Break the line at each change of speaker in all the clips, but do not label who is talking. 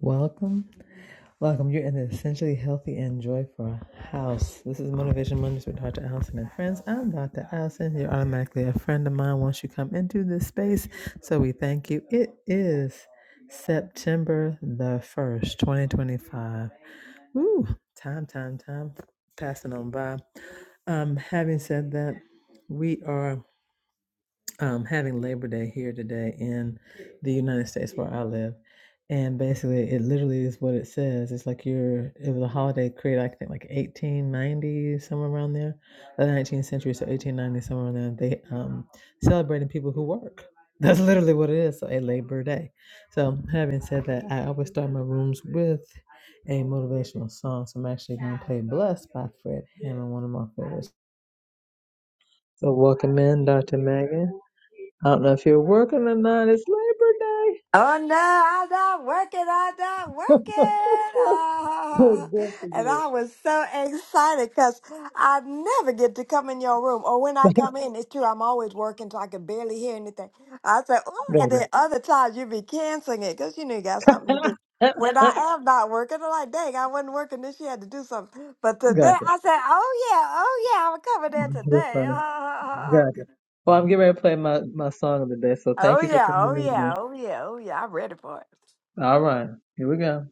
Welcome, welcome. You're in the Essentially Healthy and Joyful House. This is Motivation Mondays with Dr. Allison and friends. I'm Dr. Allison. You're automatically a friend of mine once you come into this space. So we thank you. It is September the 1st, 2025. Woo! Time, time, time. Passing on by. Um, having said that, we are um, having Labor Day here today in the United States where I live. And basically, it literally is what it says. It's like you're, it was a holiday created, I think, like 1890, somewhere around there, the 19th century, so 1890, somewhere around there. They um, celebrating people who work. That's literally what it is, so a Labor Day. So, having said that, I always start my rooms with a motivational song. So, I'm actually going to play Blessed by Fred Hammond, one of my favorites. So, welcome in, Dr. Megan. I don't know if you're working or not. It's Labor Day.
Oh no, I'm not working, I'm not working. Ah.
Good for
and
you.
I was so excited because I never get to come in your room. Or when I
That's
come in, it's true, I'm always working so I can barely hear anything. I said, oh, and
better.
then other times you be canceling it because you know you got something to do. When I am not working, I'm like, dang, I wasn't working this year, had to do something. But
Got
today,
it.
I said, oh yeah, oh yeah, I'm coming there today.
You're funny.
oh
Got it. Well, I'm getting ready to play my, my song of the day, so thank you for
yeah,
coming
oh yeah,
in.
oh yeah, oh yeah, I'm ready for it.
All right. Here we go.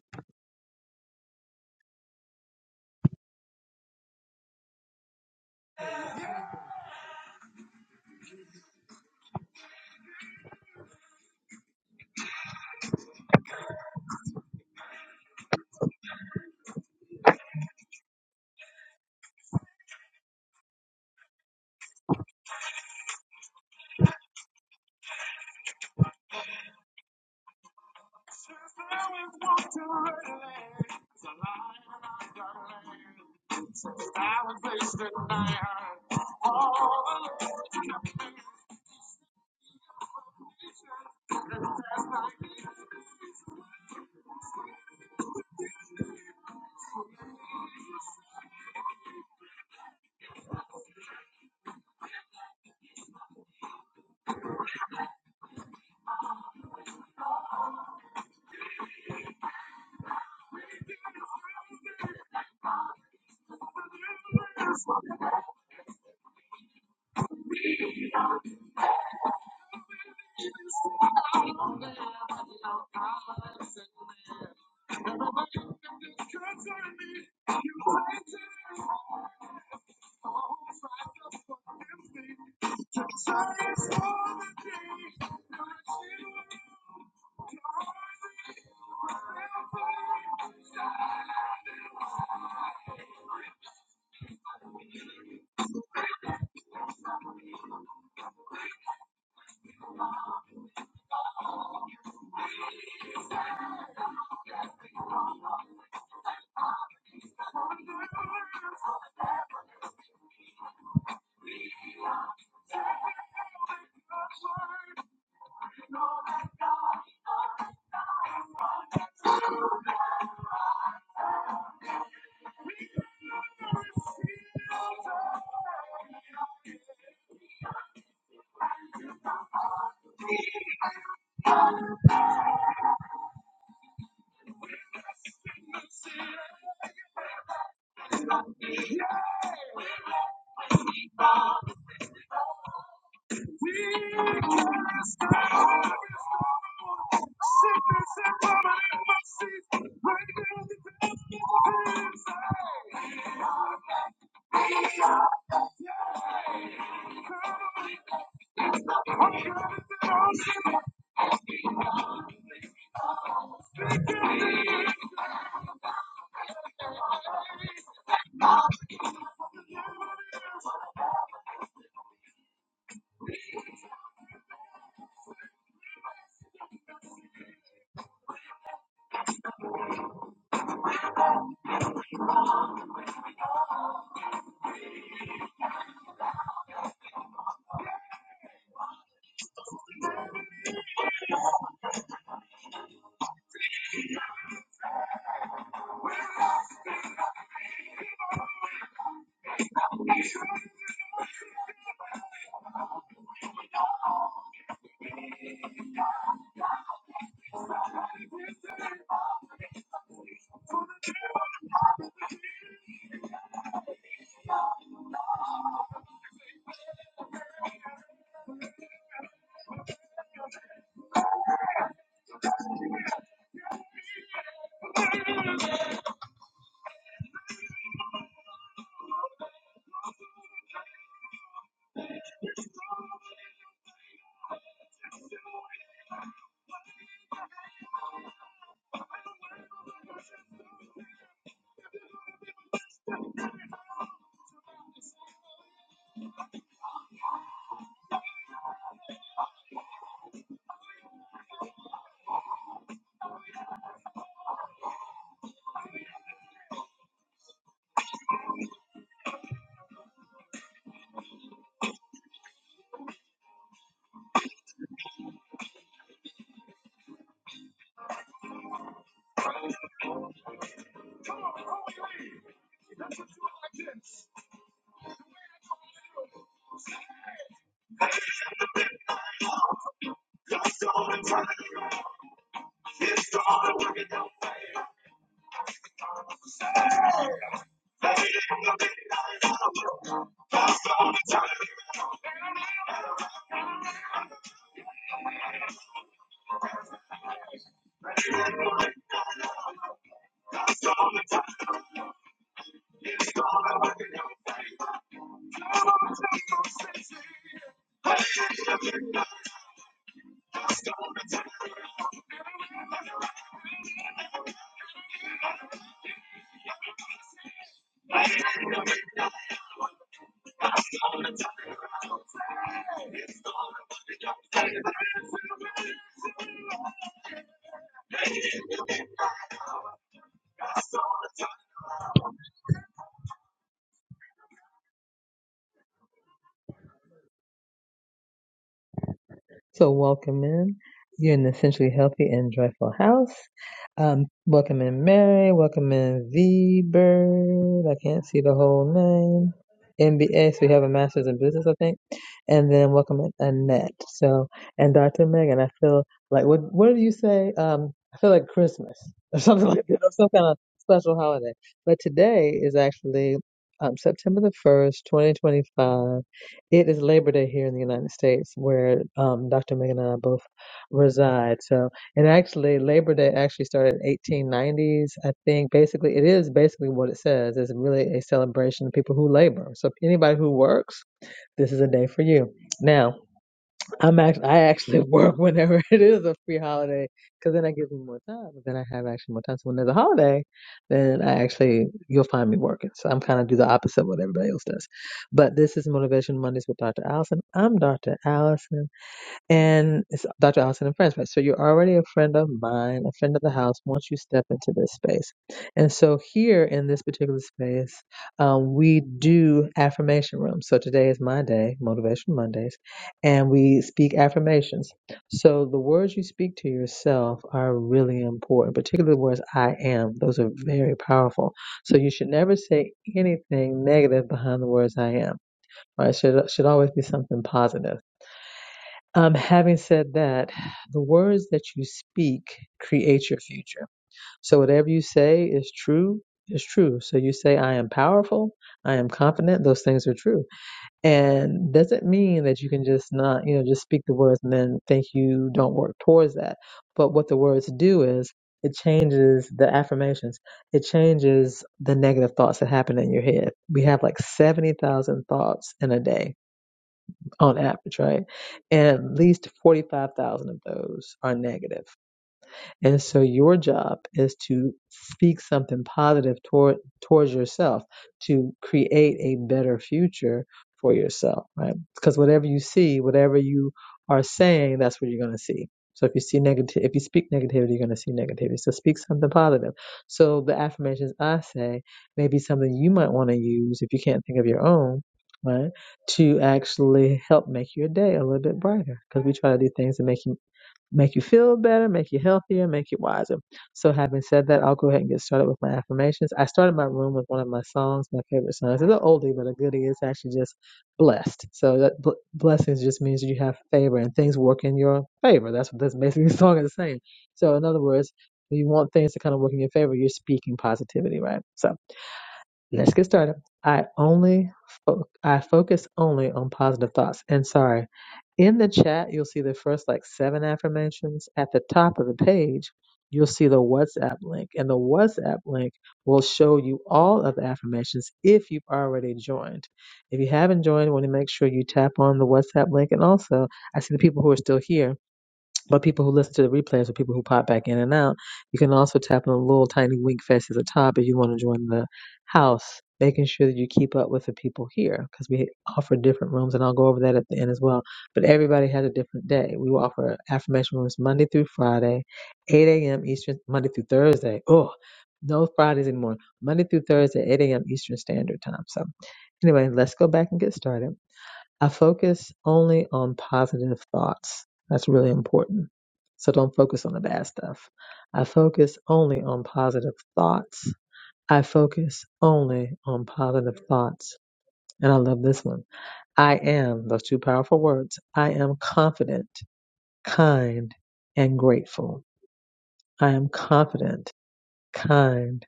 So welcome in. You're an essentially healthy and joyful house. Um, welcome in Mary. Welcome in V Bird. I can't see the whole name. MBA. So we have a master's in business, I think. And then welcome in Annette. So and Dr. Megan. I feel like what what did you say? Um, I feel like Christmas or something like that, or some kind of special holiday. But today is actually um, September the first, 2025 it is Labor Day here in the United States, where um, Dr. Megan and I both reside. So, and actually, Labor Day actually started in 1890s. I think basically, it is basically what it says. It's really a celebration of people who labor. So, anybody who works, this is a day for you. Now, I'm actually I actually work whenever it is a free holiday because then I give me more time. Then I have actually more time. So when there's a holiday, then I actually you'll find me working. So I'm kind of do the opposite of what everybody else does. But this is Motivation Mondays with Dr. Allison. I'm Dr. Allison. And it's Dr. Allison and Friends, right? So you're already a friend of mine, a friend of the house once you step into this space. And so here in this particular space, um, we do affirmation rooms. So today is my day, Motivation Mondays, and we speak affirmations. So the words you speak to yourself are really important, particularly the words I am. Those are very powerful. So you should never say anything negative behind the words I am. Right? Should should always be something positive. Um, having said that, the words that you speak create your future. So whatever you say is true, is true. So you say, I am powerful, I am confident, those things are true. And doesn't mean that you can just not, you know, just speak the words and then think you don't work towards that. But what the words do is it changes the affirmations. It changes the negative thoughts that happen in your head. We have like 70,000 thoughts in a day on average, right? And at least 45,000 of those are negative. And so your job is to speak something positive toward towards yourself to create a better future for yourself, right? Because whatever you see, whatever you are saying, that's what you're going to see. So if you see negative, if you speak negativity, you're going to see negativity. So speak something positive. So the affirmations I say may be something you might want to use if you can't think of your own, right? To actually help make your day a little bit brighter because we try to do things to make you make you feel better, make you healthier, make you wiser. So, having said that, I'll go ahead and get started with my affirmations. I started my room with one of my songs, my favorite songs. It's an oldie, but a goodie. It's actually just blessed. So, that bl- blessings just means you have favor and things work in your favor. That's what this basically the song is saying. So, in other words, you want things to kind of work in your favor, you're speaking positivity, right? So, Let's get started. I only fo- I focus only on positive thoughts. And sorry, in the chat you'll see the first like seven affirmations. At the top of the page, you'll see the WhatsApp link, and the WhatsApp link will show you all of the affirmations if you've already joined. If you haven't joined, want to make sure you tap on the WhatsApp link. And also, I see the people who are still here but people who listen to the replays or people who pop back in and out, you can also tap on the little tiny wink fest at the top if you want to join the house, making sure that you keep up with the people here because we offer different rooms, and I'll go over that at the end as well. But everybody has a different day. We will offer affirmation rooms Monday through Friday, 8 a.m. Eastern, Monday through Thursday. Oh, no Fridays anymore. Monday through Thursday, 8 a.m. Eastern Standard Time. So, anyway, let's go back and get started. I focus only on positive thoughts. That's really important. So don't focus on the bad stuff. I focus only on positive thoughts. I focus only on positive thoughts. And I love this one. I am, those two powerful words, I am confident, kind, and grateful. I am confident, kind,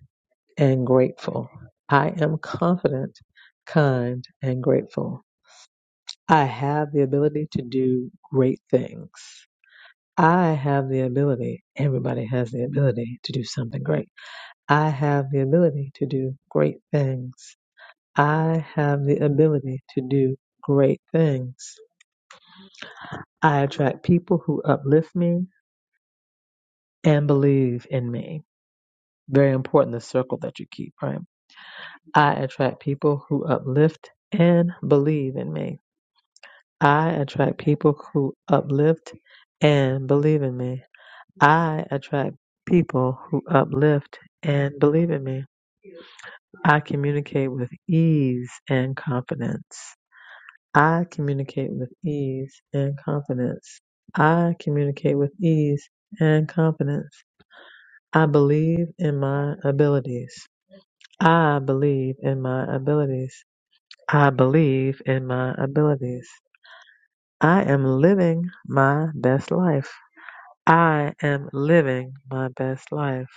and grateful. I am confident, kind, and grateful. I have the ability to do great things. I have the ability, everybody has the ability to do something great. I have the ability to do great things. I have the ability to do great things. I attract people who uplift me and believe in me. Very important, the circle that you keep, right? I attract people who uplift and believe in me. I attract people who uplift and believe in me. I attract people who uplift, and believe in me, I communicate with ease and confidence. I communicate with ease and confidence. I communicate with ease and confidence. I believe in my abilities. I believe in my abilities. I believe in my abilities. I am living my best life. I am living my best life.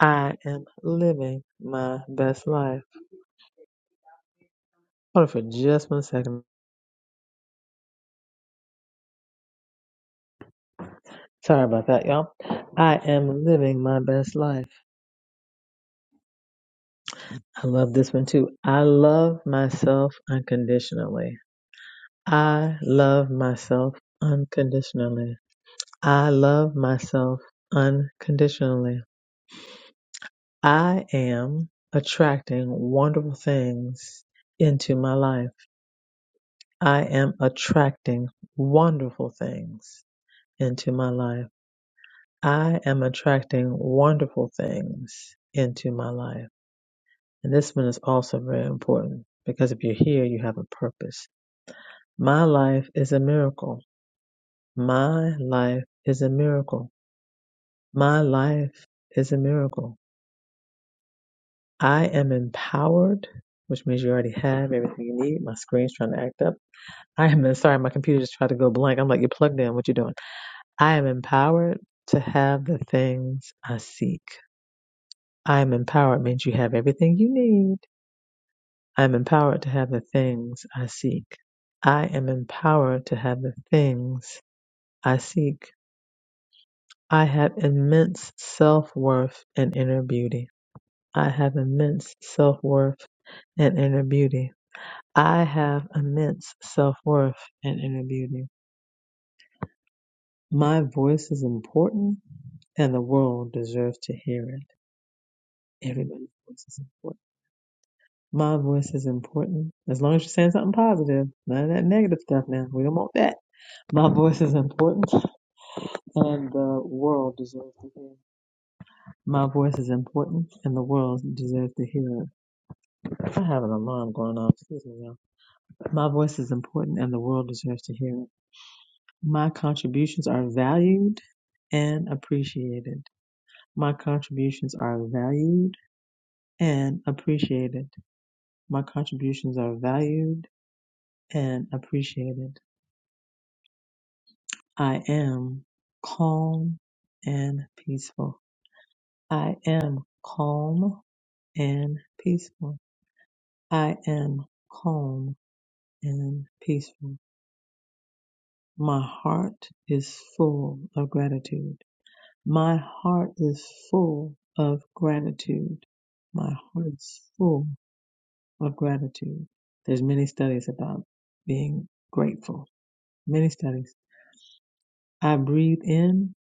I am living my best life. Hold on for just one second. Sorry about that, y'all. I am living my best life. I love this one too. I love myself unconditionally. I love myself unconditionally. I love myself unconditionally. I am attracting wonderful things into my life. I am attracting wonderful things into my life. I am attracting wonderful things into my life. And this one is also very important because if you're here, you have a purpose. My life is a miracle. My life is a miracle. My life is a miracle. I am empowered, which means you already have everything you need. My screen's trying to act up. I am sorry, my computer just tried to go blank. I'm like, you're plugged in. What you doing? I am empowered to have the things I seek. I am empowered means you have everything you need I am empowered to have the things I seek. I am empowered to have the things I seek. I have immense self worth and inner beauty. I have immense self worth and inner beauty. I have immense self worth and inner beauty. My voice is important and the world deserves to hear it. Everybody's voice is important. My voice is important. As long as you're saying something positive, none of that negative stuff now. We don't want that. My voice is important, and the world deserves to hear. My voice is important, and the world deserves to hear. it. I have an alarm going off. Excuse me, y'all. My voice is important, and the world deserves to hear. it. My contributions are valued and appreciated. My contributions are valued and appreciated. My contributions are valued and appreciated. I am calm and peaceful. I am calm and peaceful. I am calm and peaceful. My heart is full of gratitude. My heart is full of gratitude. My heart is full of gratitude. There's many studies about being grateful. Many studies. I breathe in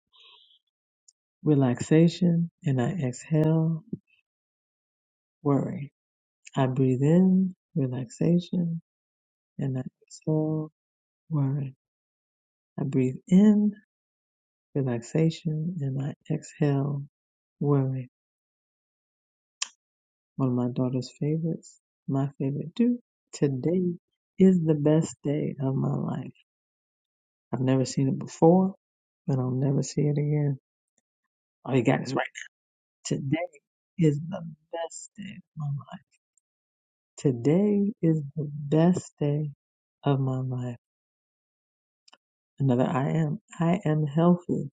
relaxation and I exhale worry. I breathe in relaxation and I exhale worry. I breathe in relaxation, and I exhale worry. One of my daughter's favorites, my favorite too. Today is the best day of my life. I've never seen it before, but I'll never see it again. All you got is right. Today is the best day of my life. Today is the best day of my life. Another I am. I am healthy,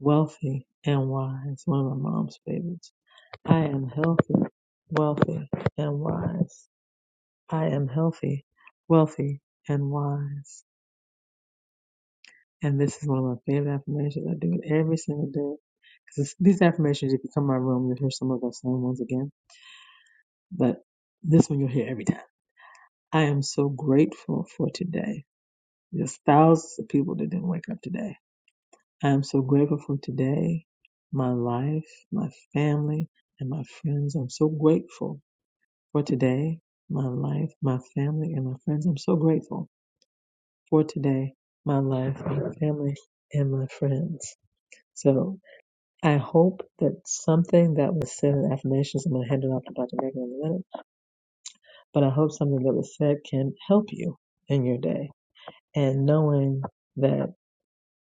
wealthy, and wise. One of my mom's favorites. I am healthy, wealthy, and wise. I am healthy, wealthy, and wise. And this is one of my favorite affirmations. I do it every single day. Because these affirmations, if you come in my room, you'll hear some of those same ones again. But this one you'll hear every time. I am so grateful for today. There's thousands of people that didn't wake up today. I am so grateful for today, my life, my family, and my friends. I'm so grateful for today, my life, my family, and my friends. I'm so grateful. for today, my life, my family, and my friends. So I hope that something that was said in affirmations, I'm going to hand it off to Dr. Megan in a minute, but I hope something that was said can help you in your day. And knowing that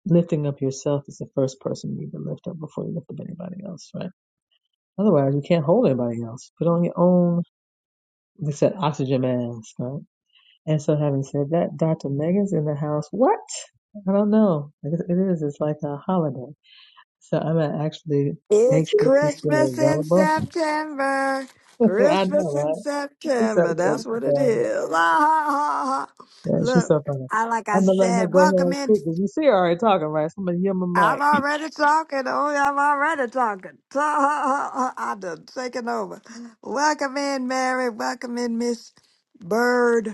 lifting up yourself is the first person you need to lift up before you lift up anybody else, right? Otherwise, you can't hold anybody else. Put on your own, they said oxygen mask, right? And so having said that, Dr. Megan's in the house. What? I don't know. it is. It's like a holiday. So I'm gonna actually make
It's
sure she's still
Christmas in
available.
September.
I know,
Christmas in
right? She's so,
September.
so-
That's
so
what it
funny.
is. Ah, ha, ha, ha.
Yeah, she's
Look,
so funny.
I like I
I'm gonna let her
said,
go ahead
welcome
and
in.
speak because you see her already talking, right? So I'm gonna yield my
I'm
mic.
already talking. Oh, yeah, I'm already talking. Ta- ha, ha, ha. I done taken over. Welcome in, Mary. Welcome in, Miss Bird.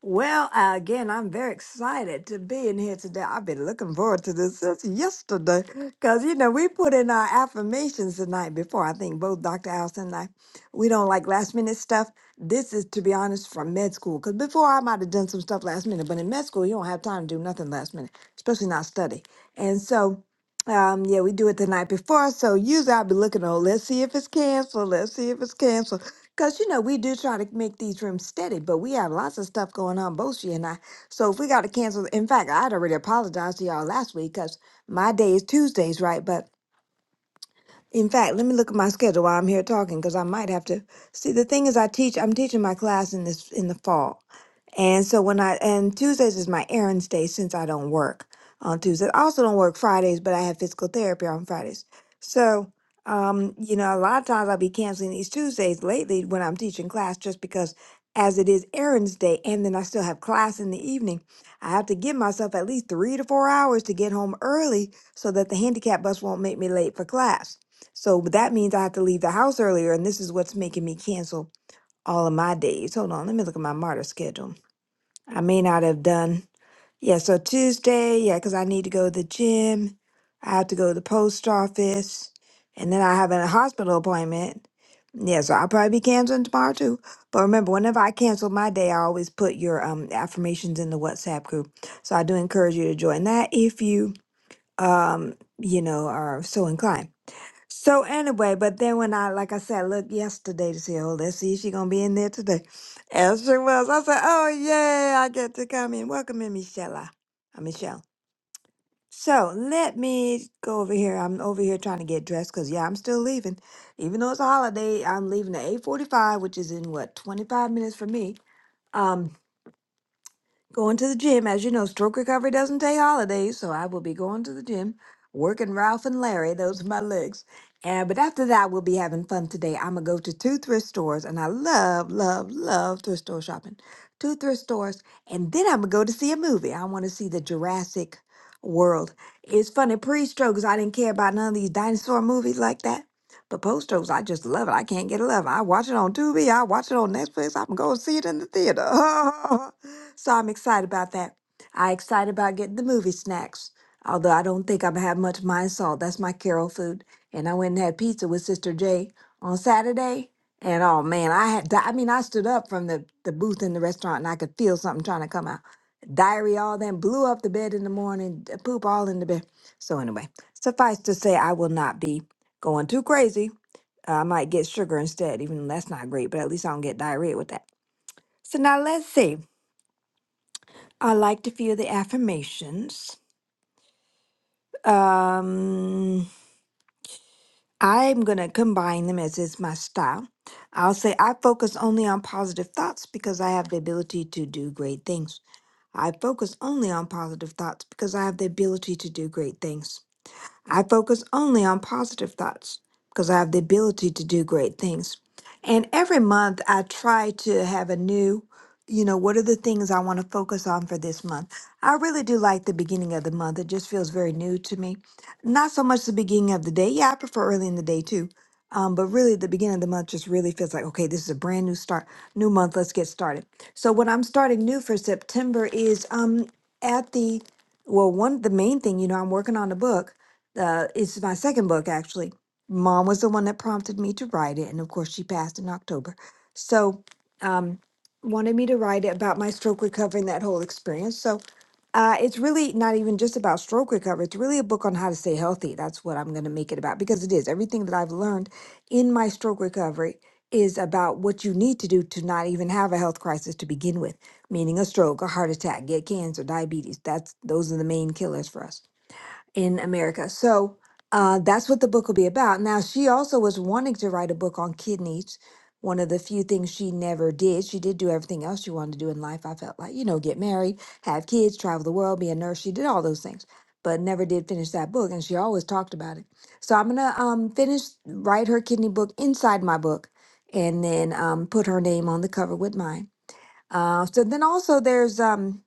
Well, uh, again, I'm very excited to be in here today. I've been looking forward to this since yesterday because, you know, we put in our affirmations the night before. I think both Dr. Allison and I, we don't like last minute stuff. This is, to be honest, from med school because before I might have done some stuff last minute, but in med school, you don't have time to do nothing last minute, especially not study. And so, um, yeah, we do it the night before. So usually I'll be looking, oh, let's see if it's canceled. Let's see if it's canceled. Cause you know we do try to make these rooms steady, but we have lots of stuff going on, both she and I. So if we got to cancel, in fact, I'd already apologized to y'all last week, cause my day is Tuesdays, right? But in fact, let me look at my schedule while I'm here talking because I might have to. See, the thing is, I teach. I'm teaching my class in this in the fall, and so when I and Tuesdays is my errands day since I don't work on Tuesdays. I also don't work Fridays, but I have physical therapy on Fridays. So, um, you know, a lot of times I'll be canceling these Tuesdays lately when I'm teaching class just because as it is errands day and then I still have class in the evening, I have to give myself at least three to four hours to get home early so that the handicap bus won't make me late for class. So but that means I have to leave the house earlier, and this is what's making me cancel all of my days. Hold on, let me look at my martyr schedule. I may not have done. Yeah, so Tuesday, yeah, because I need to go to the gym. I have to go to the post office, and then I have a hospital appointment. Yeah, so I'll probably be canceling tomorrow too. But remember, whenever I cancel my day, I always put your um affirmations in the WhatsApp group. So I do encourage you to join that if you um you know are so inclined. So anyway, but then when I, like I said, look yesterday to see, oh, let's see if she's gonna be in there today. As she was, I said, oh yeah, I get to come in. Welcome in, Michelle. am Michelle. So let me go over here. I'm over here trying to get dressed because yeah, I'm still leaving. Even though it's a holiday, I'm leaving at 8:45, which is in what 25 minutes for me. Um. Going to the gym. As you know, stroke recovery doesn't take holidays, so I will be going to the gym, working Ralph and Larry. Those are my legs. And but after that, we'll be having fun today. I'm gonna go to two thrift stores, and I love, love, love thrift store shopping. Two thrift stores, and then I'm gonna go to see a movie. I want to see the Jurassic World. It's funny pre-stroke strokes I didn't care about none of these dinosaur movies like that. But post-strokes, I just love it. I can't get enough. I watch it on Tubi. I watch it on Netflix. I'm going to see it in the theater. So I'm excited about that. I excited about getting the movie snacks. Although I don't think I'm gonna have much of mine salt. That's my Carol food. And I went and had pizza with Sister J on Saturday. And oh man, I had di- I mean I stood up from the, the booth in the restaurant and I could feel something trying to come out. Diarrhea all then blew up the bed in the morning, d- poop all in the bed. So anyway, suffice to say I will not be going too crazy. I might get sugar instead, even though that's not great, but at least I don't get diarrhea with that. So now let's see. I liked a few of the affirmations. Um, I'm going to combine them as is my style. I'll say I focus only on positive thoughts because I have the ability to do great things. I focus only on positive thoughts because I have the ability to do great things. I focus only on positive thoughts because I have the ability to do great things. And every month I try to have a new, you know, what are the things I want to focus on for this month? I really do like the beginning of the month. It just feels very new to me. Not so much the beginning of the day. Yeah, I prefer early in the day too. Um, but really, the beginning of the month just really feels like, okay, this is a brand new start, new month. Let's get started. So, what I'm starting new for September is um, at the, well, one, the main thing, you know, I'm working on a book uh, it's my second book actually. Mom was the one that prompted me to write it, and of course, she passed in October. So, um, wanted me to write it about my stroke recovery and that whole experience. So, uh, it's really not even just about stroke recovery. It's really a book on how to stay healthy. That's what I'm going to make it about because it is everything that I've learned in my stroke recovery is about what you need to do to not even have a health crisis to begin with, meaning a stroke, a heart attack, get cancer, diabetes. That's those are the main killers for us in America. So uh, that's what the book will be about. Now, she also was wanting to write a book on kidneys, one of the few things she never did. She did do everything else she wanted to do in life. I felt like, you know, get married, have kids, travel the world, be a nurse. She did all those things, but never did finish that book. And she always talked about it. So I'm going to um, finish, write her kidney book inside my book, and then um, put her name on the cover with mine. Uh, so then also there's um,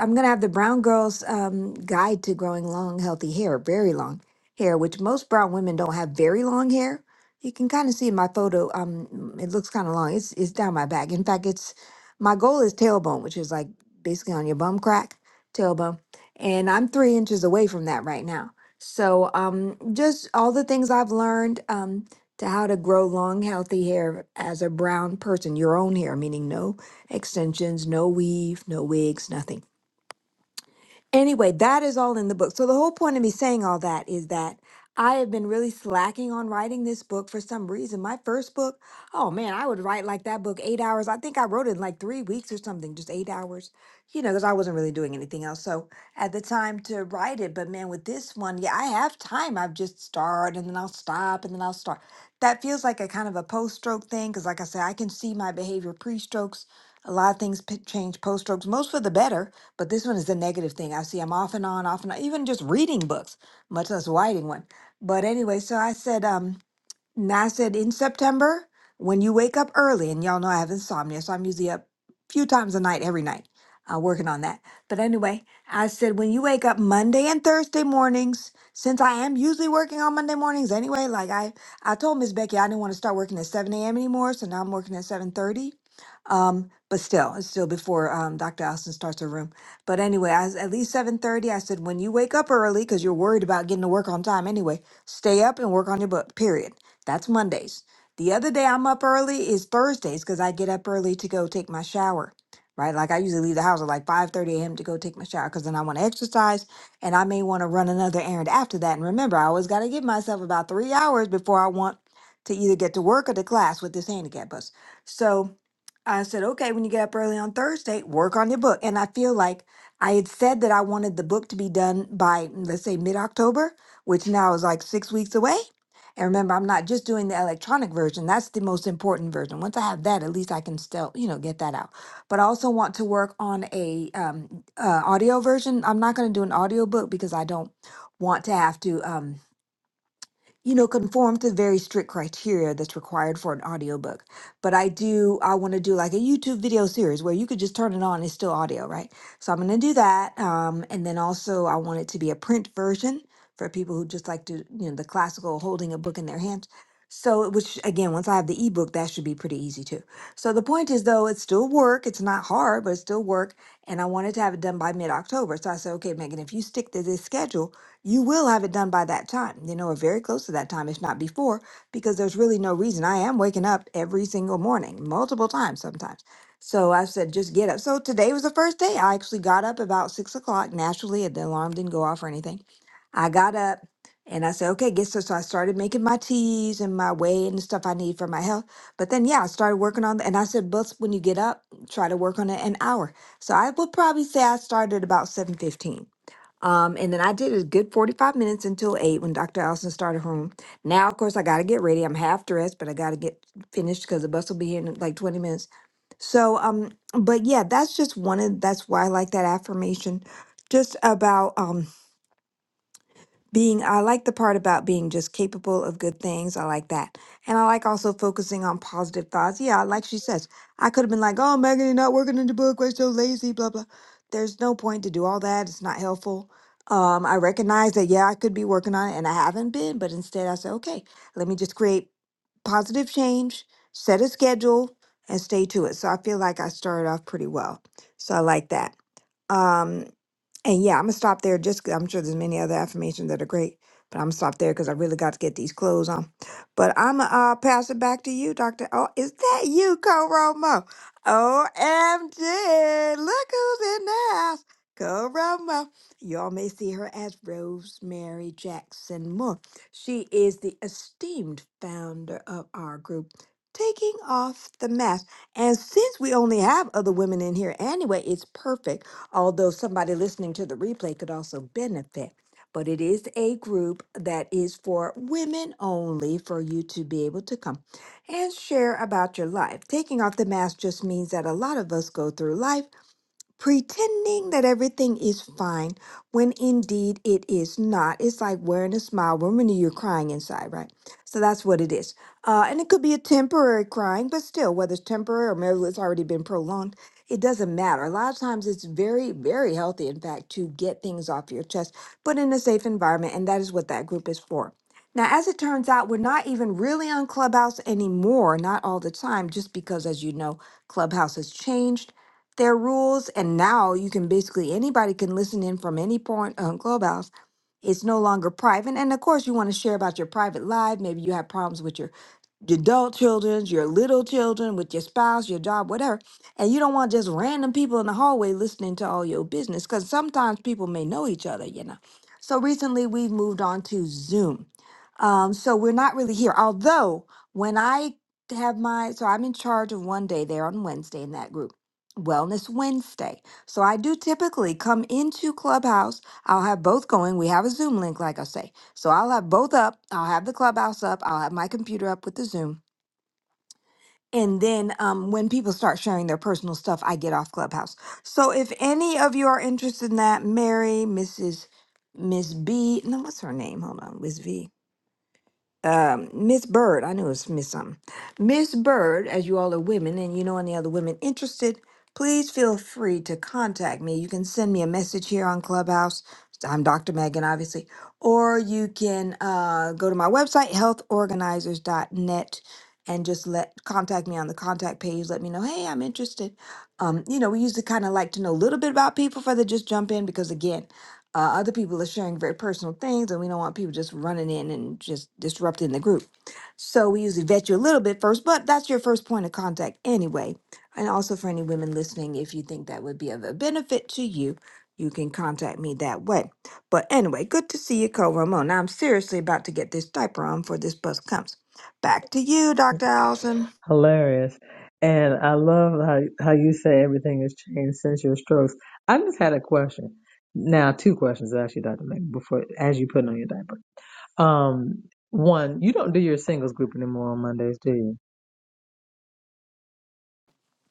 I'm gonna have the Brown Girls um, Guide to Growing Long, Healthy Hair, very long hair, which most brown women don't have very long hair. You can kind of see in my photo. Um, it looks kind of long. It's it's down my back. In fact, it's my goal is tailbone, which is like basically on your bum crack, tailbone, and I'm three inches away from that right now. So um, just all the things I've learned um to how to grow long, healthy hair as a brown person, your own hair, meaning no extensions, no weave, no wigs, nothing Anyway, that is all in the book. So the whole point of me saying all that is that I have been really slacking on writing this book for some reason. My first book, oh man, I would write like that book eight hours. I think I wrote it in like three weeks or something, just eight hours, you know, because I wasn't really doing anything else. So at the time to write it, but man, with this one, yeah, I have time. I've just started and then I'll stop and then I'll start. That feels like a kind of a post-stroke thing because, like I said, I can see my behavior pre-strokes. A lot of things p- change post-strokes, most for the better but this one is the negative thing. I see I'm off and on, off and on, even just reading books, much less writing one. But anyway, so I said, um, and I said in September, when you wake up early, and y'all know I have insomnia, so I'm usually up a few times a night every night, uh, working on that. But anyway, I said when you wake up Monday and Thursday mornings, since I am usually working on Monday mornings anyway, like I I told Miss Becky I didn't want to start working at 7 a.m. anymore, so now I'm working at 7:30. Um, but still, it's still before um, Dr. Allison starts her room. But anyway, I was at least 7:30. I said when you wake up early, because you're worried about getting to work on time anyway, stay up and work on your book. Period. That's Mondays. The other day I'm up early is Thursdays because I get up early to go take my shower. Right? Like I usually leave the house at like 5 30 a.m. to go take my shower because then I want to exercise and I may want to run another errand after that. And remember, I always got to give myself about three hours before I want to either get to work or to class with this handicap bus. So I said, okay, when you get up early on Thursday, work on your book. And I feel like I had said that I wanted the book to be done by, mm, let's say, mid October, which now is like six weeks away. And remember, I'm not just doing the electronic version. That's the most important version. Once I have that, at least I can still, you know, get that out. But I also want to work on a um, uh, audio version. I'm not going to do an audio book because I don't want to have to. Um, you know, conform to very strict criteria that's required for an audiobook. But I do, I want to do like a YouTube video series where you could just turn it on, it's still audio, right? So I'm going to do that. Um, and then also, I want it to be a print version for people who just like to, you know, the classical holding a book in their hands. So, which again, once I have the ebook, that should be pretty easy too. So the point is, though, it's still work. It's not hard, but it's still work. And I wanted to have it done by mid October. So I said, okay, Megan, if you stick to this schedule, you will have it done by that time, you know, or very close to that time, if not before, because there's really no reason. I am waking up every single morning, multiple times sometimes. So I said, just get up. So today was the first day. I actually got up about six o'clock naturally. The alarm didn't go off or anything. I got up and I said, okay, get so. So I started making my teas and my whey and the stuff I need for my health. But then, yeah, I started working on, it. and I said, but when you get up, try to work on it an hour. So I would probably say I started about 7:15 um, and then I did a good 45 minutes until eight when Dr. Allison started home. Now, of course, I got to get ready. I'm half dressed, but I got to get finished because the bus will be here in like 20 minutes. So, um, but yeah, that's just one of that's why I like that affirmation just about, um being i like the part about being just capable of good things i like that and i like also focusing on positive thoughts yeah like she says i could have been like oh megan you're not working in the book we're so lazy blah blah there's no point to do all that it's not helpful um, i recognize that yeah i could be working on it and i haven't been but instead i said okay let me just create positive change, set a schedule, and stay to it. So I feel like I started off pretty well. So I like that. Um, and yeah, I'm gonna stop there. Just 'cause I'm sure there's many other affirmations that are great, but I'm gonna stop there because I really got to get these clothes on. But I'm gonna uh, pass it back to you, Doctor. Oh, is that you, Coromo? Omg, look who's in the house, Coromo. Y'all may see her as Rosemary Jackson Moore. She is the esteemed founder of our group. Taking off the mask. And since we only have other women in here anyway, it's perfect although somebody listening to the replay could also benefit. But it is a group that is for women only for you to be able to come and share about your life. Taking off the mask just means that a lot of us go through life pretending that everything is fine when indeed it is not. It's like wearing a smile when really you're crying inside, right? So that's what it is. Uh, and it could be a temporary crying, but still, whether it's temporary or maybe it's already been prolonged, it doesn't matter. A lot of times it's very, very healthy, in fact, to get things off your chest, but in a safe environment. And that is what that group is for. Now, as it turns out, we're not even really on Clubhouse anymore, not all the time, just because, as you know, Clubhouse has changed their rules and now you can basically anybody can listen in from any point on clubhouse it's no longer private and of course you want to share about your private life maybe you have problems with your your adult children, your little children, with your spouse, your job, whatever. And you don't want just random people in the hallway listening to all your business because sometimes people may know each other, you know. So recently we've moved on to Zoom. Um, so we're not really here. Although, when I have my, so I'm in charge of one day there on Wednesday in that group, Wellness Wednesday. So I do typically come into Clubhouse. I'll have both going. We have a Zoom link, like I say. So I'll have both up. I'll have the clubhouse up. I'll have my computer up with the Zoom. And then um, when people start sharing their personal stuff, I get off clubhouse. So if any of you are interested in that, Mary, Mrs. Miss B, no, what's her name? Hold on, Miss V um, Miss Bird, I knew it was Miss something. Miss Bird, as you all are women and you know any other women interested, please feel free to contact me. You can send me a message here on Clubhouse. I'm Dr. Megan, obviously, or you can uh, go to my website, healthorganizers.net, and just let contact me on the contact page. Let me know, hey, I'm interested. Um, you know, we usually kind of like to know a little bit about people before they just jump in because, again, uh, other people are sharing very personal things, and we don't want people just running in and just disrupting the group. So we usually vet you a little bit first, but that's your first point of contact anyway. And also for any women listening, if you think that would be of a benefit to you, you can contact me that way. But anyway, good to see you, Co Ramon. Now I'm seriously about to get this diaper on before this bus comes. Back to you, Dr. Allison.
Hilarious. And I love how how you say everything has changed since your strokes. I just had a question. Now, two questions actually, Dr. Meg, before as you put on your diaper. Um, one, you don't do your singles group anymore on Mondays, do you?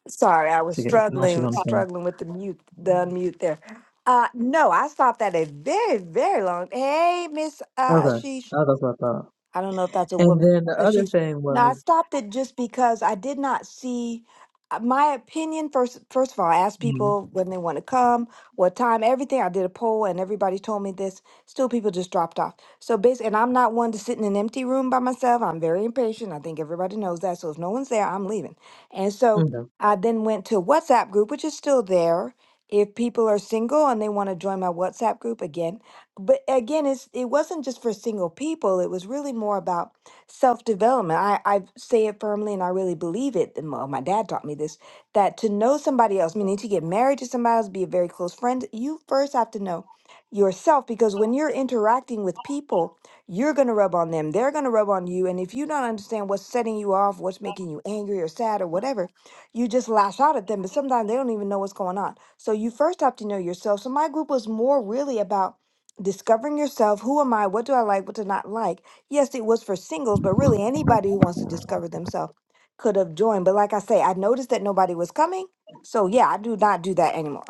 Sorry, I was
She gets now she's
struggling
on the phone.
struggling with the mute the unmute there. Uh no, I stopped at a very, very long. Hey, Miss uh
Okay.
Ashish.
Oh, That's what I thought.
I don't know if that's a
And
woman.
then the
Uh,
other
She's
thing
now. I
was,
stopped it just because I did not see uh, my opinion. First, first of all, I asked
mm,
people when they want to come, what time, everything. I did a poll, and everybody told me this. Still, people just dropped off. So basically, and I'm not one to sit in an empty room by myself. I'm very impatient. I think everybody knows that. So if no one's there, I'm leaving. And so
okay,
I then went to WhatsApp group, which is still there. If people are single and they want to join my WhatsApp group again, but again it's it wasn't just for single people it was really more about self-development i i say it firmly and i really believe it and my my dad taught me this that to know somebody else meaning to get married to somebody else be a very close friend you first have to know yourself because when you're interacting with people you're going to rub on them they're going to rub on you and if you don't understand what's setting you off what's making you angry or sad or whatever you just lash out at them but sometimes they don't even know what's going on so you first have to know yourself so my group was more really about discovering yourself who am i what do i like what do i not like yes it was for singles but really anybody who wants to discover themselves could have joined but like i say i noticed that nobody was coming so yeah i do not do that anymore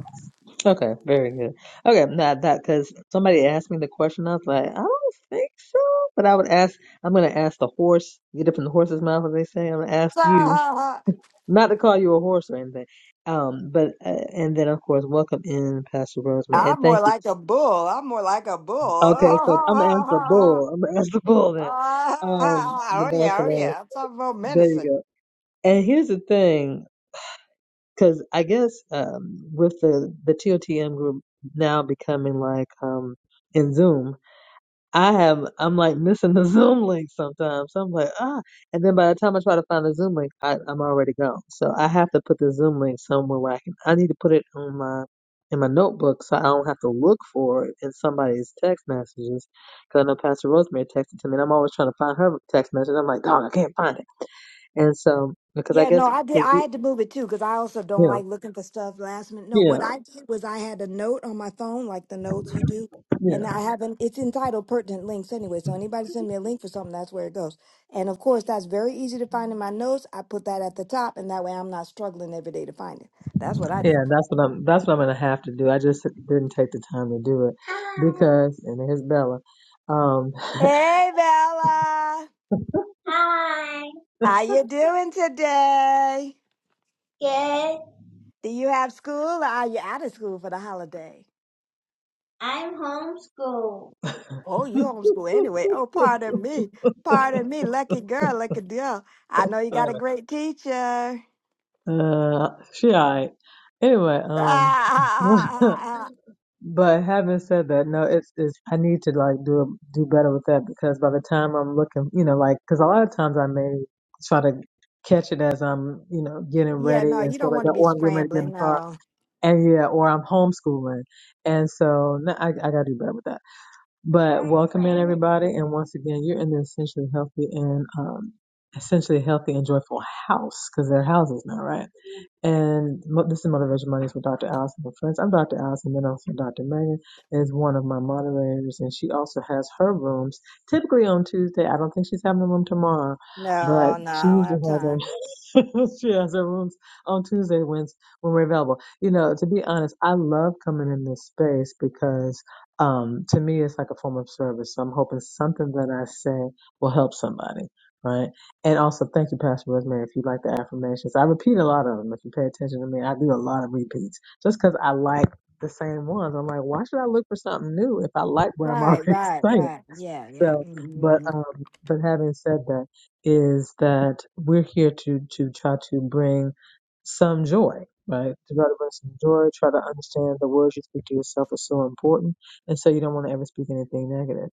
okay, very good. Okay, not that because somebody asked me the question. I was like, I don't think so, but I would ask. I'm gonna ask the horse. Get it from the horse's mouth, as they say. I'm gonna ask you not to call you a horse or anything. Um, but uh, and then of course, welcome in Pastor Rosemary, and
i'm more
thank you.
like a bull i'm more like a bull
Okay, so I'm gonna ask the bull. I'm gonna ask the bull then. Um, but
oh
that's
yeah
the
oh
last.
yeah i'm talking about
There you
menacing
go. And here's the thing. Because I guess um, with the the TOTM group now becoming like um, in Zoom, I have I'm like missing the Zoom link sometimes. So I'm like ah, and then by the time I try to find the Zoom link, I, I'm already gone. So I have to put the Zoom link somewhere where I can. I need to put it on my in my notebook so I don't have to look for it in somebody's text messages. Because I know Pastor Rosemary texted to me, and I'm always trying to find her text message. I'm like, God, I can't find it. And so because I
Yeah, no,
guess
I did. I had to move it too because I also don't
you know,
like looking for stuff last minute. No,
yeah,
what I did was I had a note on my phone, like the notes you do,
yeah.
and I haven't. It's entitled pertinent links anyway. So anybody send me a link for something, that's where it goes. And of course, that's very easy to find in my notes. I put that at the top, and that way I'm not struggling every day to find it. That's what I
Yeah,
did.
that's what I'm. That's what I'm gonna have to do. I just didn't take the time to do it because, and here's Bella. Um,
Hey, Bella,
Hi,
how you doing today?
good.
Do you have school? Or are you out of school for the holiday?
I'm homeschooled.
Oh, you homeschool anyway. Oh, pardon me. Pardon me. Lucky girl, lucky girl. I know you got a great teacher.
uh, she alright. Anyway,
Ah,
um,
ah, ah, ah, ah.
but having said that, no, it's it's. I need to like do do better with that because by the time I'm looking, you know, like because a lot of times I may try to catch it as I'm, you know, getting
yeah, no,
ready and
you
stuff
don't
like
want to
that,
be
or I'm getting ready to get in
scrambling.
the car
No,
And yeah, or I'm homeschooling. And so no, I, I gotta do better with that. But welcome in everybody. And once again, you're in the essentially healthy and, um, essentially healthy and joyful house because they're houses now, right? And mo- this is Motivation Mondays with Dr. Allison and friends. I'm Dr. Allison, then also Dr. Megan is one of my moderators and she also has her rooms typically on Tuesday. I don't think she's having a room tomorrow, but
no, no,
she
I
usually
have
has a
time.
she has her rooms on Tuesday when when we're available. You know, to be honest, I love coming in this space because um, to me it's like a form of service. So I'm hoping something that I say will help somebody, right? And also, thank you, Pastor Rosemary, if you like the affirmations. I repeat a lot of them. If you pay attention to me, I do a lot of repeats just because I like the same ones. I'm like, why should I look for something new if I like what I'm
Right,
already
right,
saying?
right. Yeah, yeah.
So, but
hmm
um, but having said that, is that we're here to to try to bring some joy, right? To try to bring some joy, try to understand the words you speak to yourself are so important, and so you don't want to ever speak anything negative.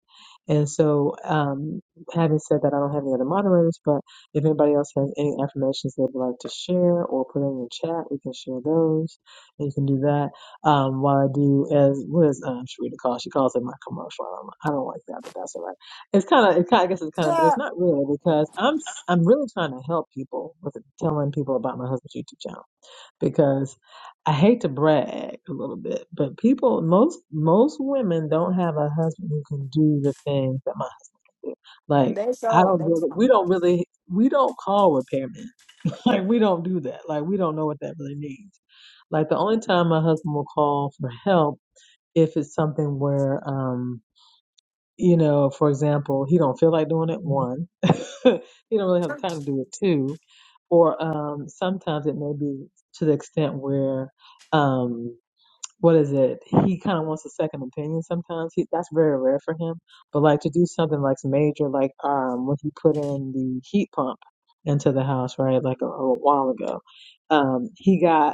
And so, um, having said that, I don't have any other moderators, but if anybody else has any affirmations they'd like to share or put in the chat, we can share those, and you can do that um, while I do as what is um, Sharita call? She calls it my commercial. I don't, I don't like that, but that's all right it's kind of, it's kind. I guess it's kind of, but
So,
it's not really because I'm, s- I'm really trying to help people with telling people about my husband's YouTube channel because I hate to brag a little bit, but people, most, most women don't have a husband who can do the things that my husband. Like
they
I
so,
don't
they
really, we
so.
don't really, we don't call repairmen. Like we don't do that. Like we don't know what that really means. Like the only time my husband will call for help if it's something where, um you know, for example, he don't feel like doing it. One, he don't really have the time to do it. Two, or um, sometimes it may be to the extent where, um, what is it? He kind of wants a second opinion. Sometimes he, that's very rare for him. But like to do something like major, like um, when he put in the heat pump into the house, right? Like a, a while ago, um, he got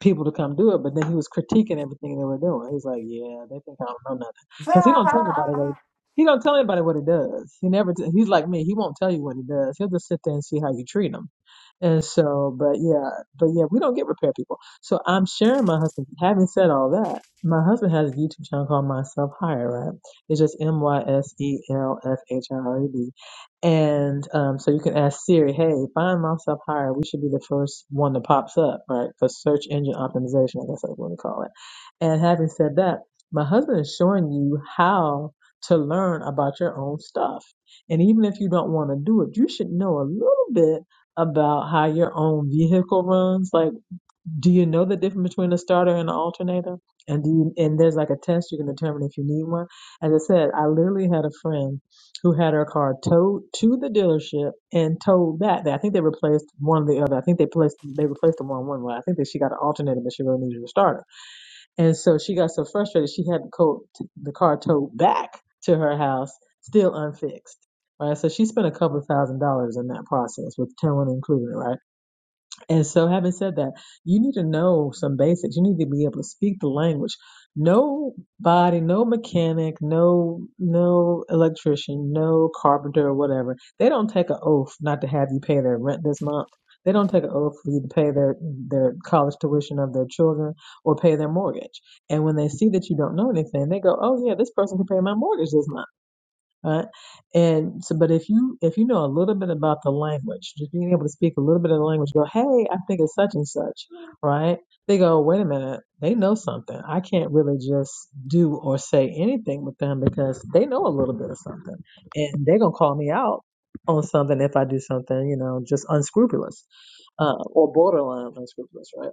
people to come do it, but then he was critiquing everything they were doing. He's like, yeah, they think I don't know nothing, because he don't tell
So-
nobody what he don't tell anybody what he does. He never. T- he's like me. He won't tell you what he does. He'll just sit there and see how you treat him. And so, but yeah, but yeah, we don't get repair people. So I'm sharing my husband. Having said all that, my husband has a YouTube channel called Myself Higher. Right? It's just M Y S E L F H I R E D and um, so you can ask Siri, hey, find myself higher. We should be the first one that pops up, right? For search engine optimization, I guess that's what we call it. And having said that, my husband is showing you how to learn about your own stuff. And even if you don't want to do it, you should know a little bit about how your own vehicle runs. Like, do you know the difference between a starter and an alternator? And do you, and there's like a test you can determine if you need one. As I said, I literally had a friend who had her car towed to the dealership and towed back. there. I think they replaced one or the other. I think they placed they replaced them on one way. I think that she got an alternator, but she really needed a starter. And so she got so frustrated she had the co- the car towed back to her house, still unfixed. Right. So she spent a couple thousand dollars in that process with towing included, right? And so, having said that, you need to know some basics. You need to be able to speak the language. No body, no mechanic, no no electrician, no carpenter or whatever. They don't take an oath not to have you pay their rent this month. They don't take an oath for you to pay their their college tuition of their children or pay their mortgage. And when they see that you don't know anything, they go, "Oh yeah, this person can pay my mortgage this month." right? And so, but if you if you know a little bit about the language, just being able to speak a little bit of the language, go, hey, I think it's such and such, right? They go, wait a minute, they know something. I can't really just do or say anything with them because they know a little bit of something, and they're gonna call me out on something if I do something, you know, just unscrupulous uh, or borderline unscrupulous, right?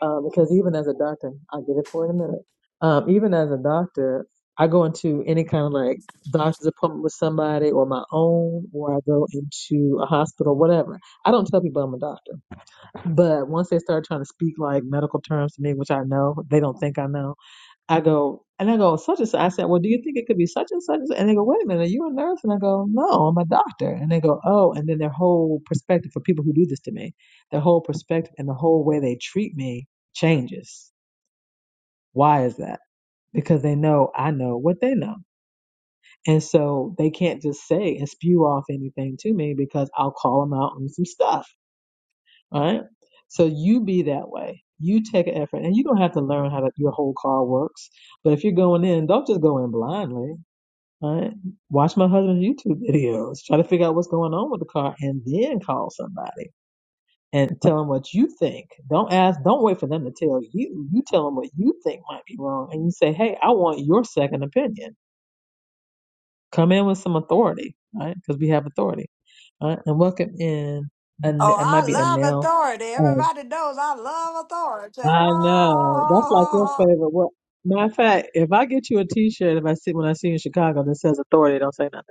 um, because even as a doctor, I'll get it for in a minute. Um, even as a doctor, I go into any kind of like doctor's appointment with somebody or my own, or I go into a hospital, whatever. I don't tell people I'm a doctor, but once they start trying to speak like medical terms to me, which I know they don't think I know, I go, and I go, such and such. I said, well, do you think it could be such and such? And they go, wait a minute, are you a nurse? And I go, no, I'm a doctor. And they go, oh, and then their whole perspective for people who do this to me, their whole perspective and the whole way they treat me changes. Why is that? Because they know I know what they know. And so they can't just say and spew off anything to me because I'll call them out on some stuff, right? So you be that way. You take an effort and you don't have to learn how to, your whole car works. But if you're going in, don't just go in blindly Right? Watch my husband's YouTube videos. Try to figure out what's going on with the car and then call somebody and tell them what you think. Don't ask, don't wait for them to tell you. You tell them what you think might be wrong and you say, hey, I want your second opinion. Come in with some authority, right? Because we have authority. Right? And welcome in, and
Oh,
it might
I
be a
love
nail.
authority.
Oh,
Everybody knows I love authority.
I know. That's like your
Oh,
favorite word. Matter of fact, if I get you a t shirt, if I see when I see you in Chicago that says authority, don't say nothing.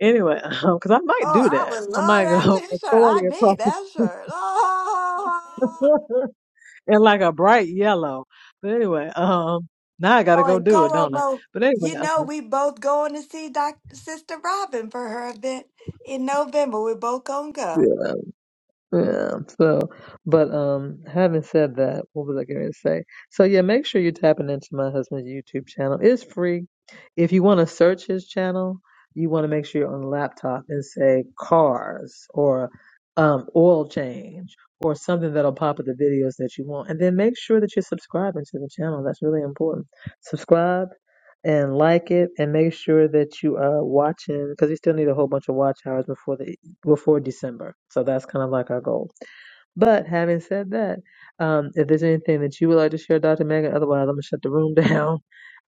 Anyway, because I might
Oh,
do
I
that.
would
I
love
might go
that T-shirt. I
authority across
need
the
that
street
shirt.
in like a bright yellow. But anyway, um, now I gotta
Oh, oh
go
and
do it, don't I?
Koromo,
But anyway,
you know
um,
we both going to see Doc Sister Robin for her event in November. We're both gonna go.
Yeah, so, but um, having said that, what was I going to say? So yeah, make sure you're tapping into my husband's YouTube channel. It's free. If you want to search his channel, you want to make sure you're on the laptop and say cars or um, oil change or something that'll pop up the videos that you want, and then make sure that you're subscribing to the channel. That's really important. Subscribe and like it, and make sure that you are watching because we still need a whole bunch of watch hours before the before December. So that's kind of like our goal. But having said that, um, if there's anything that you would like to share, Dr. Megan, otherwise I'm gonna shut the room down.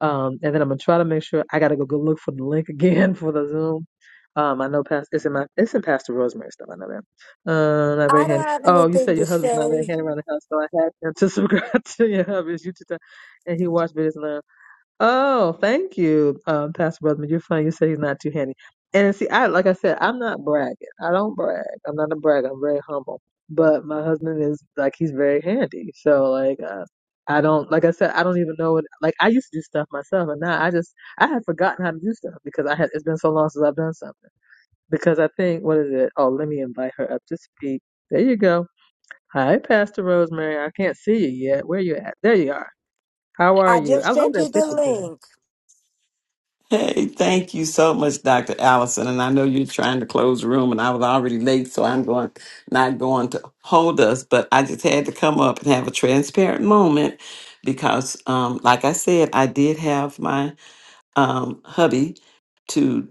Um, and then I'm gonna try to make sure I gotta go go look for the link again for the Zoom. Um, I know past it's in my it's in Pastor Rosemary's stuff. I know that. Uh, not very
I don't
handy.
have
Oh, you
anything
said
to
your husband's not very
say.
handy around the house, so I had him to subscribe to your hubby's YouTube channel, and he watched videos. Oh, thank you, um, Pastor Brotherman. You're funny. You said he's not too handy. And see, I like I said, I'm not bragging. I don't brag. I'm not a bragger. I'm very humble. But my husband is like he's very handy. So like uh, I don't like I said I don't even know what like I used to do stuff myself, and now I just I had forgotten how to do stuff because I had it's been so long since I've done something. Because I think what is it? Oh, let me invite her up to speak. There you go. Hi, Pastor Rosemary. I can't see you yet. Where you at? There you are. How are
I
you? I
just
love
sent you
that
the
picture. too.
link.
Hey, thank you so much, Dr. Allison. And I know you're trying to close the room, and I was already late, so I'm going not going to hold us. But I just had to come up and have a transparent moment because, um, like I said, I did have my um, hubby to,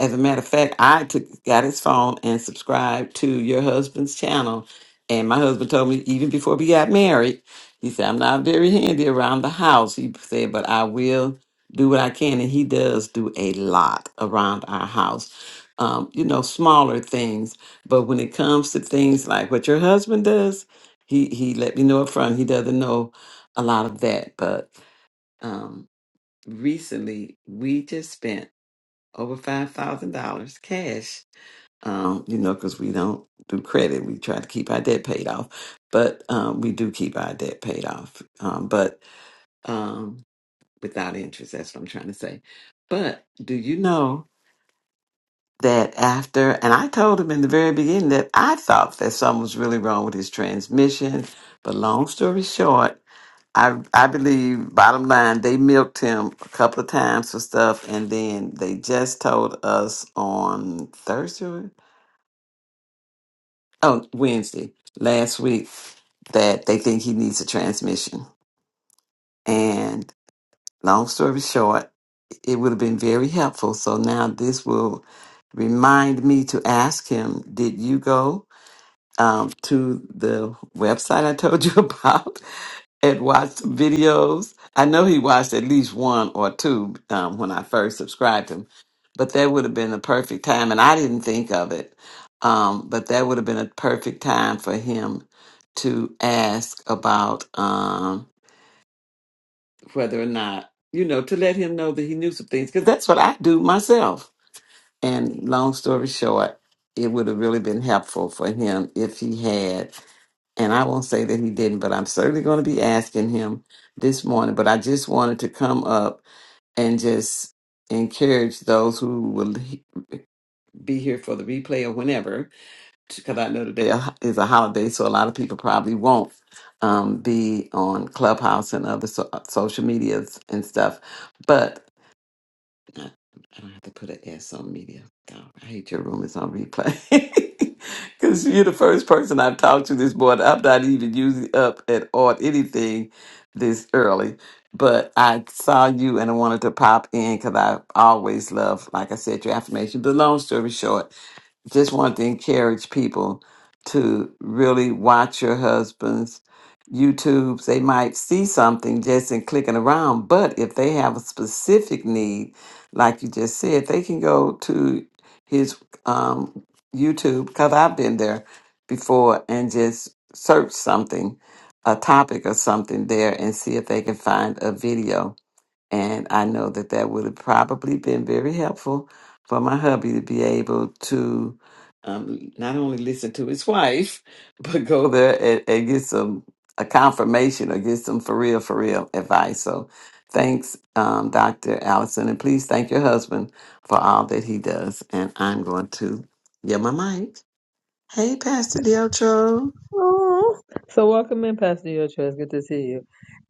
as a matter of fact, I took got his phone and subscribed to your husband's channel. And my husband told me even before we got married, he said, I'm not very handy around the house. He said, but I will do what I can. And he does do a lot around our house. Um, you know, smaller things. But when it comes to things like what your husband does, he, he let me know up front. He doesn't know a lot of that. But um recently we just spent over five thousand dollars cash. Um, you know, because we don't do credit, we try to keep our debt paid off, but um, we do keep our debt paid off, um, but um, without interest. That's what I'm trying to say. But do you know? that after, and I told him in the very beginning that I thought that something was really wrong with his transmission. But long story short, I I believe bottom line they milked him a couple of times for stuff, and then they just told us on Thursday, oh Wednesday last week that they think he needs a transmission. And long story short, it would have been very helpful. So now this will remind me to ask him, did you go? um, to the website I told you about and watch some videos. I know he watched at least one or two um, when I first subscribed him, but that would have been the perfect time, and I didn't think of it. Um, but that would have been a perfect time for him to ask about um, whether or not, you know, to let him know that he knew some things, because that's what I do myself. And long story short, it would have really been helpful for him if he had and I won't say that he didn't, but I'm certainly going to be asking him this morning. But I just wanted to come up and just encourage those who will he- be here for the replay or whenever, because I know today is a holiday, so a lot of people probably won't um, be on Clubhouse and other so- uh, social medias and stuff. I I don't have to put an S on media. God, I hate your room. It's on replay. Because you're the first person I've talked to this morning. I'm not even using up at on anything this early. But I saw you and I wanted to pop in because I always love, like I said, your affirmation. But long story short, just want to encourage people to really watch your husband's YouTubes. They might see something just in clicking around, but if they have a specific need, like you just said, they can go to his um, YouTube because I've been there before and just search something, a topic or something there, and see if they can find a video and I know that that would have probably been very helpful for my hubby to be able to um, not only listen to his wife, but go there and, and get some a confirmation or get some for real, for real advice. So thanks, um, Dr. Allison. And please thank your husband for all that he does. And I'm going to get my mic. Hey, Pastor Deltro.
Aw. So welcome in, Pastor Yocho. It's good to see you.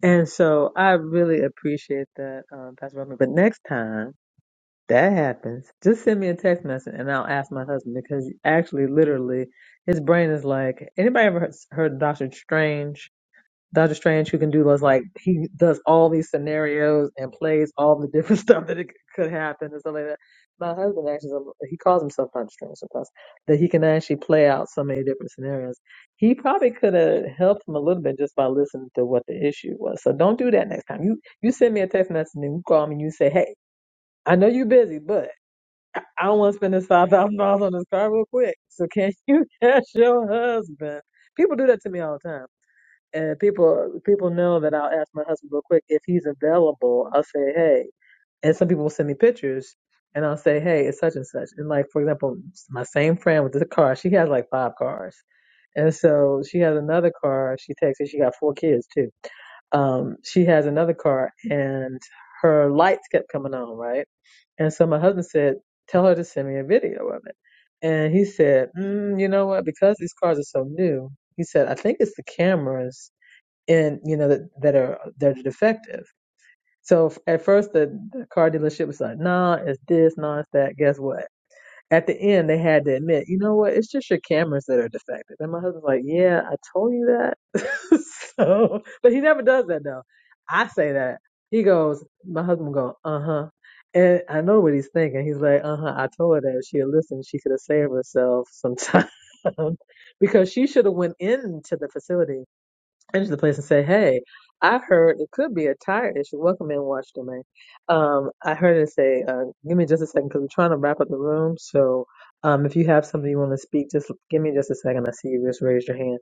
And so I really appreciate that, um, Pastor Robin. But next time that happens, just send me a text message and I'll ask my husband because actually, literally, his brain is like, anybody ever heard, heard of Doctor Strange? Doctor Strange who can do those like he does all these scenarios and plays all the different stuff that it could happen and stuff like that. My husband actually he calls himself Doctor Strange sometimes that he can actually play out so many different scenarios. He probably could have helped him a little bit just by listening to what the issue was. So don't do that next time. You you send me a text message and you call me and you say, hey, I know you're busy, but I I don't want to spend this five thousand dollars on this car real quick. So can you ask your husband? People do that to me all the time and people people know that I'll ask my husband real quick if he's available. I'll say, hey. And some people will send me pictures, and I'll say, hey, it's such and such. And like for example, my same friend with the car, she has like five cars, and so she has another car. She takes it. She got four kids too. Um, she has another car, and her lights kept coming on, right? And so my husband said, tell her to send me a video of it. And he said, mm, you know what? Because these cars are so new, he said, I think it's the cameras and you know that, that are that are defective. So f- at first the, the car dealership was like, nah, it's this, nah, it's that. Guess what? At the end they had to admit, you know what? It's just your cameras that are defective. And my husband's like, yeah, I told you that. so, but he never does that though. I say that. He goes, my husband will go, uh huh. And I know what he's thinking. He's like, uh huh. I told her that if she had listened, she could have saved herself some time because she should have went into the facility into the place and say, "Hey, I heard it could be a tire issue. Welcome in, Watch Domain. Um, I heard it say, uh, give me just a second because we're trying to wrap up the room. So, um, if you have something you want to speak, just give me just a second. I see you just raised your hand.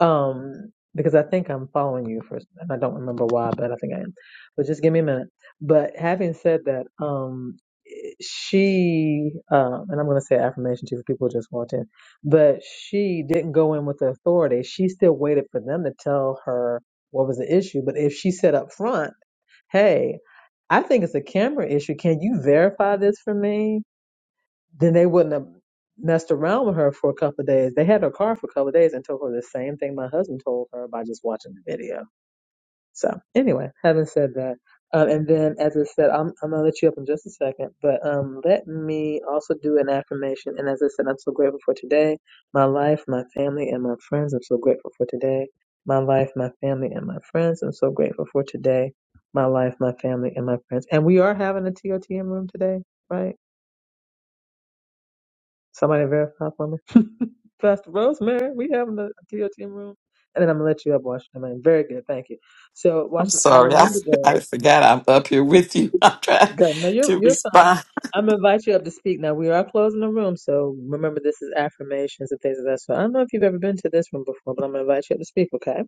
Um, because I think I'm following you first, and I don't remember why, but I think I am. But just give me a minute. But having said that, um she um and i'm going to say affirmation too for people who just walked in but she didn't go in with the authority she still waited for them to tell her what was the issue but if she said up front hey i think it's a camera issue can you verify this for me then they wouldn't have messed around with her for a couple of days they had her car for a couple of days and told her the same thing my husband told her by just watching the video so anyway, having said that, um, and then as I said, I'm I'm gonna let you up in just a second, but um, let me also do an affirmation. And as I said, I'm so grateful for today, my life, my family, and my friends. I'm so grateful for today, my life, my family, and my friends. I'm so grateful for today, my life, my family, and my friends. And we are having a TOTM room today, right? Somebody verify for me, Pastor Rosemary. We having a TOTM room, and then I'm gonna let you up, Washington. Man. Very good, thank you. So,
I'm
Washington, I
sorry. I,
remember that.
I forgot I'm up here with you. I'm trying
Good. No, you're
to
you're fine.
respond.
I'm gonna invite you up to speak now. We are closing the room, so remember this is affirmations and things of that sort. I don't know if you've ever been to this room before, but I'm gonna invite you up to speak, okay?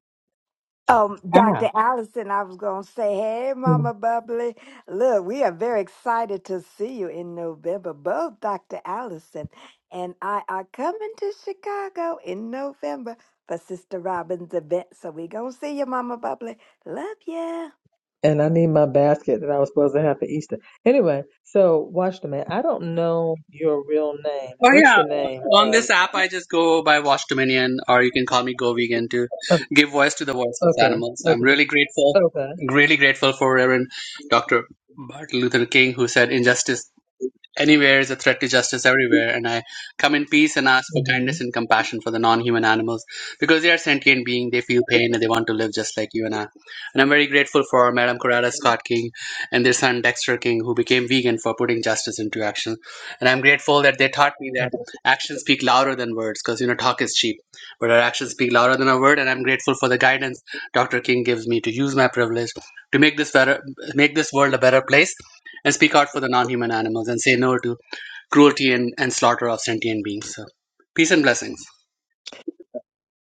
Um, Dr. Allison, I was going to say, hey,
Mm.
Mama Bubbly. Look, we are very excited to see you in November, both Dr. Allison and I are coming to Chicago in November for Sister Robin's event. So we going to see you, Mama Bubbly. Love ya.
And I need my basket that I was supposed to have for Easter. Anyway, so watch the man. I don't know your real name.
Oh
What's
yeah,
your name?
on
Um.
this app I just go by Watch Dominion, or you can call me Go Vegan to
o-
give voice to the voiceless
Okay.
animals. I'm
Okay.
really grateful,
Okay.
really grateful for Reverend Dr. Martin Luther King, who said injustice Anywhere is a threat to justice everywhere, and I come in peace and ask for kindness
Mm-hmm.
and compassion for the non human animals because they are sentient beings, they feel pain, and they want to live just like you and I. And I'm very grateful for Madam Coretta Scott King and their son Dexter King, who became vegan for putting justice into action. And I'm grateful that they taught me that actions speak louder than words because, you know, talk is cheap, but our actions speak louder than a word. And I'm grateful for the guidance Dr. King gives me to use my privilege to make this better, make this world a better place and speak out for the non-human animals and say no to cruelty and, and slaughter of sentient beings. So, peace and blessings.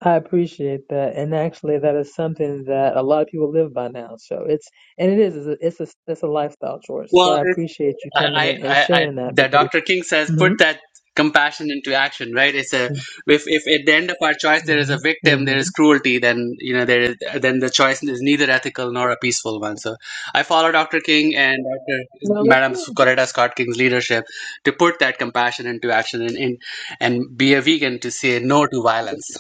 I appreciate that, and actually, that is something that a lot of people live by now. So it's and it is it's a it's a, it's a lifestyle choice. So
Well,
I
it's,
appreciate you
I,
coming
I,
in and
I, I,
sharing that
that
because.
Dr. King says,
hmm
put that compassion into action, right? It's a, if, if at the end of our choice there is
hmm
a victim,
hmm
there is cruelty, then, you know, there is, then the choice is neither ethical nor a peaceful one. So I follow Dr. King and Dr.
Well, that's
Madam
good.
Coretta Scott King's leadership to put that compassion into action and, and, and be a vegan to say no to violence.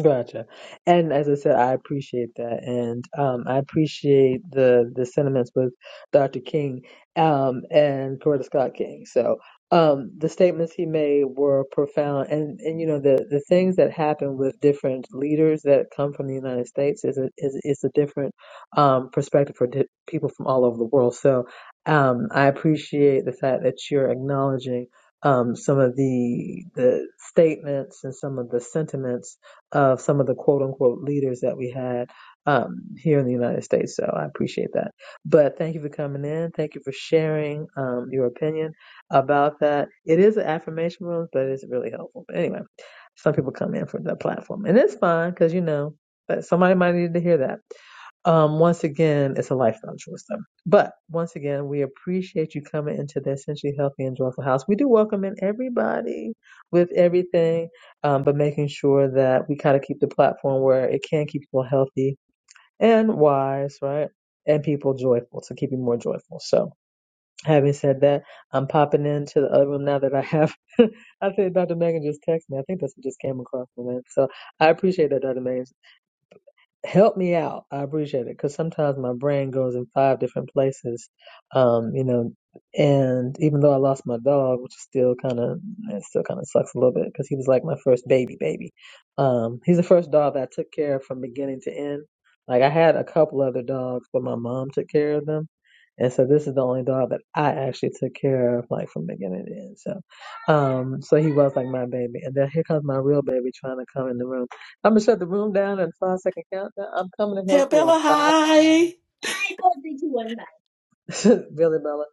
Gotcha. And as I said, I appreciate that, and um, I appreciate the the sentiments with Dr. King um, and Coretta Scott King. So um, the statements he made were profound, and and you know the the things that happen with different leaders that come from the United States is a is is a different um, perspective for di- people from all over the world. So um, I appreciate the fact that you're acknowledging um, some of the the statements and some of the sentiments of some of the quote unquote leaders that we had um, here in the United States. So I appreciate that. But thank you for coming in. Thank you for sharing um, your opinion about that. It is an affirmation room, but it's really helpful. But anyway, some people come in for the platform, and it's fine because you know, but somebody might need to hear that. Um, once again, it's a lifestyle choice, though. But once again, we appreciate you coming into the Essentially Healthy and Joyful House. We do welcome in everybody with everything um, but making sure that we kind of keep the platform where it can keep people healthy and wise, right? And people joyful to keep you more joyful. So, having said that, I'm popping into the other room now that I have. I think Dr. Megan just texted me. I think that's what just came across my name. So, I appreciate that, Dr. Megan help me out. I appreciate it because sometimes my brain goes in five different places, um, you know. And even though I lost my dog, which is still kind of it still kind of sucks a little bit because he was like my first baby baby. Um, he's the first dog that I took care of from beginning to end. Like I had a couple other dogs, but my mom took care of them. And so this is the only dog that I actually took care of, like from beginning to end. So, um, so he was like my baby. And then here comes my real baby trying to come in the room. I'm gonna shut the room down in five second countdown. I'm coming to
Tell
help you in
Bella
five.
hi.
I bye. Billy Bella.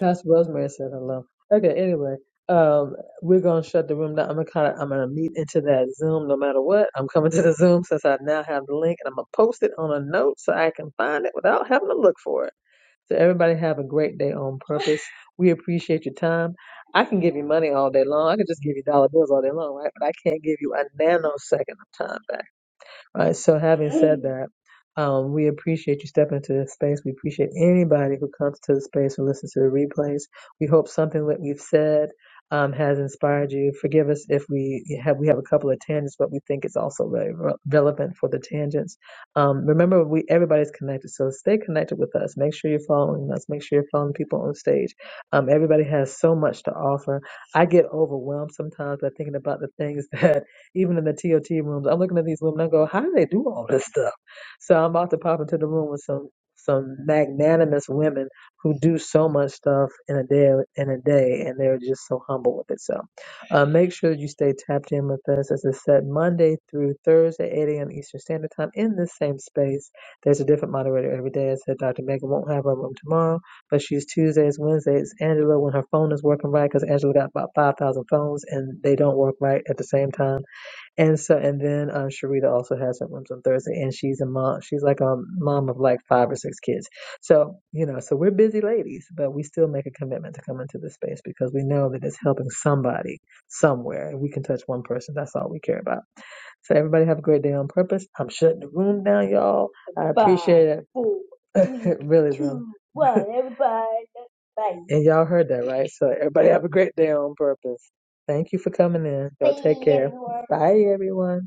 Pastor Rosemary said hello. Okay, anyway, um, we're gonna shut the room down. I'm gonna kind of, I'm gonna meet into that Zoom no matter what. I'm coming to the Zoom since I now have the link, and I'm gonna post it on a note so I can find it without having to look for it. So everybody have a great day on purpose. We appreciate your time. I can give you money all day long. I can just give you dollar bills all day long, right? But I can't give you a nanosecond of time back. All right. So having said that, um, we appreciate you stepping into this space. We appreciate anybody who comes to the space and listens to the replays. We hope something that we've said um, has inspired you. Forgive us if we have we have a couple of tangents, but we think it's also very re- relevant for the tangents. Um, remember, we everybody's connected, so stay connected with us. Make sure you're following us. Make sure you're following people on stage. Um, everybody has so much to offer. I get overwhelmed sometimes by thinking about the things that even in the TOT rooms. I'm looking at these women. I go, how do they do all this stuff? So I'm about to pop into the room with some some magnanimous women who do so much stuff in a day in a day, and they're just so humble with it. So uh, make sure that you stay tapped in with us. As I said, Monday through Thursday, 8 a.m. Eastern Standard Time in this same space. There's a different moderator every day. I said Dr. Megan won't have her room tomorrow, but she's Tuesdays, Wednesdays. Angela, when her phone is working right, because Angela got about 5,000 phones and they don't work right at the same time. And so, and then uh, Sharita also has her rooms on Thursday, and she's a mom. She's like a mom of like five or six kids. So, you know, so we're busy ladies, but we still make a commitment to come into this space because we know that it's helping somebody somewhere. If we can touch one person, that's all we care about. So everybody have a great day on purpose. I'm shutting the room down, y'all. I Five, appreciate four, it. Four, three, really, really. two, room. one. Everybody, bye. And y'all heard that, right? So everybody have a great day on purpose. Thank you for coming in. Y'all take care. Bye, everyone.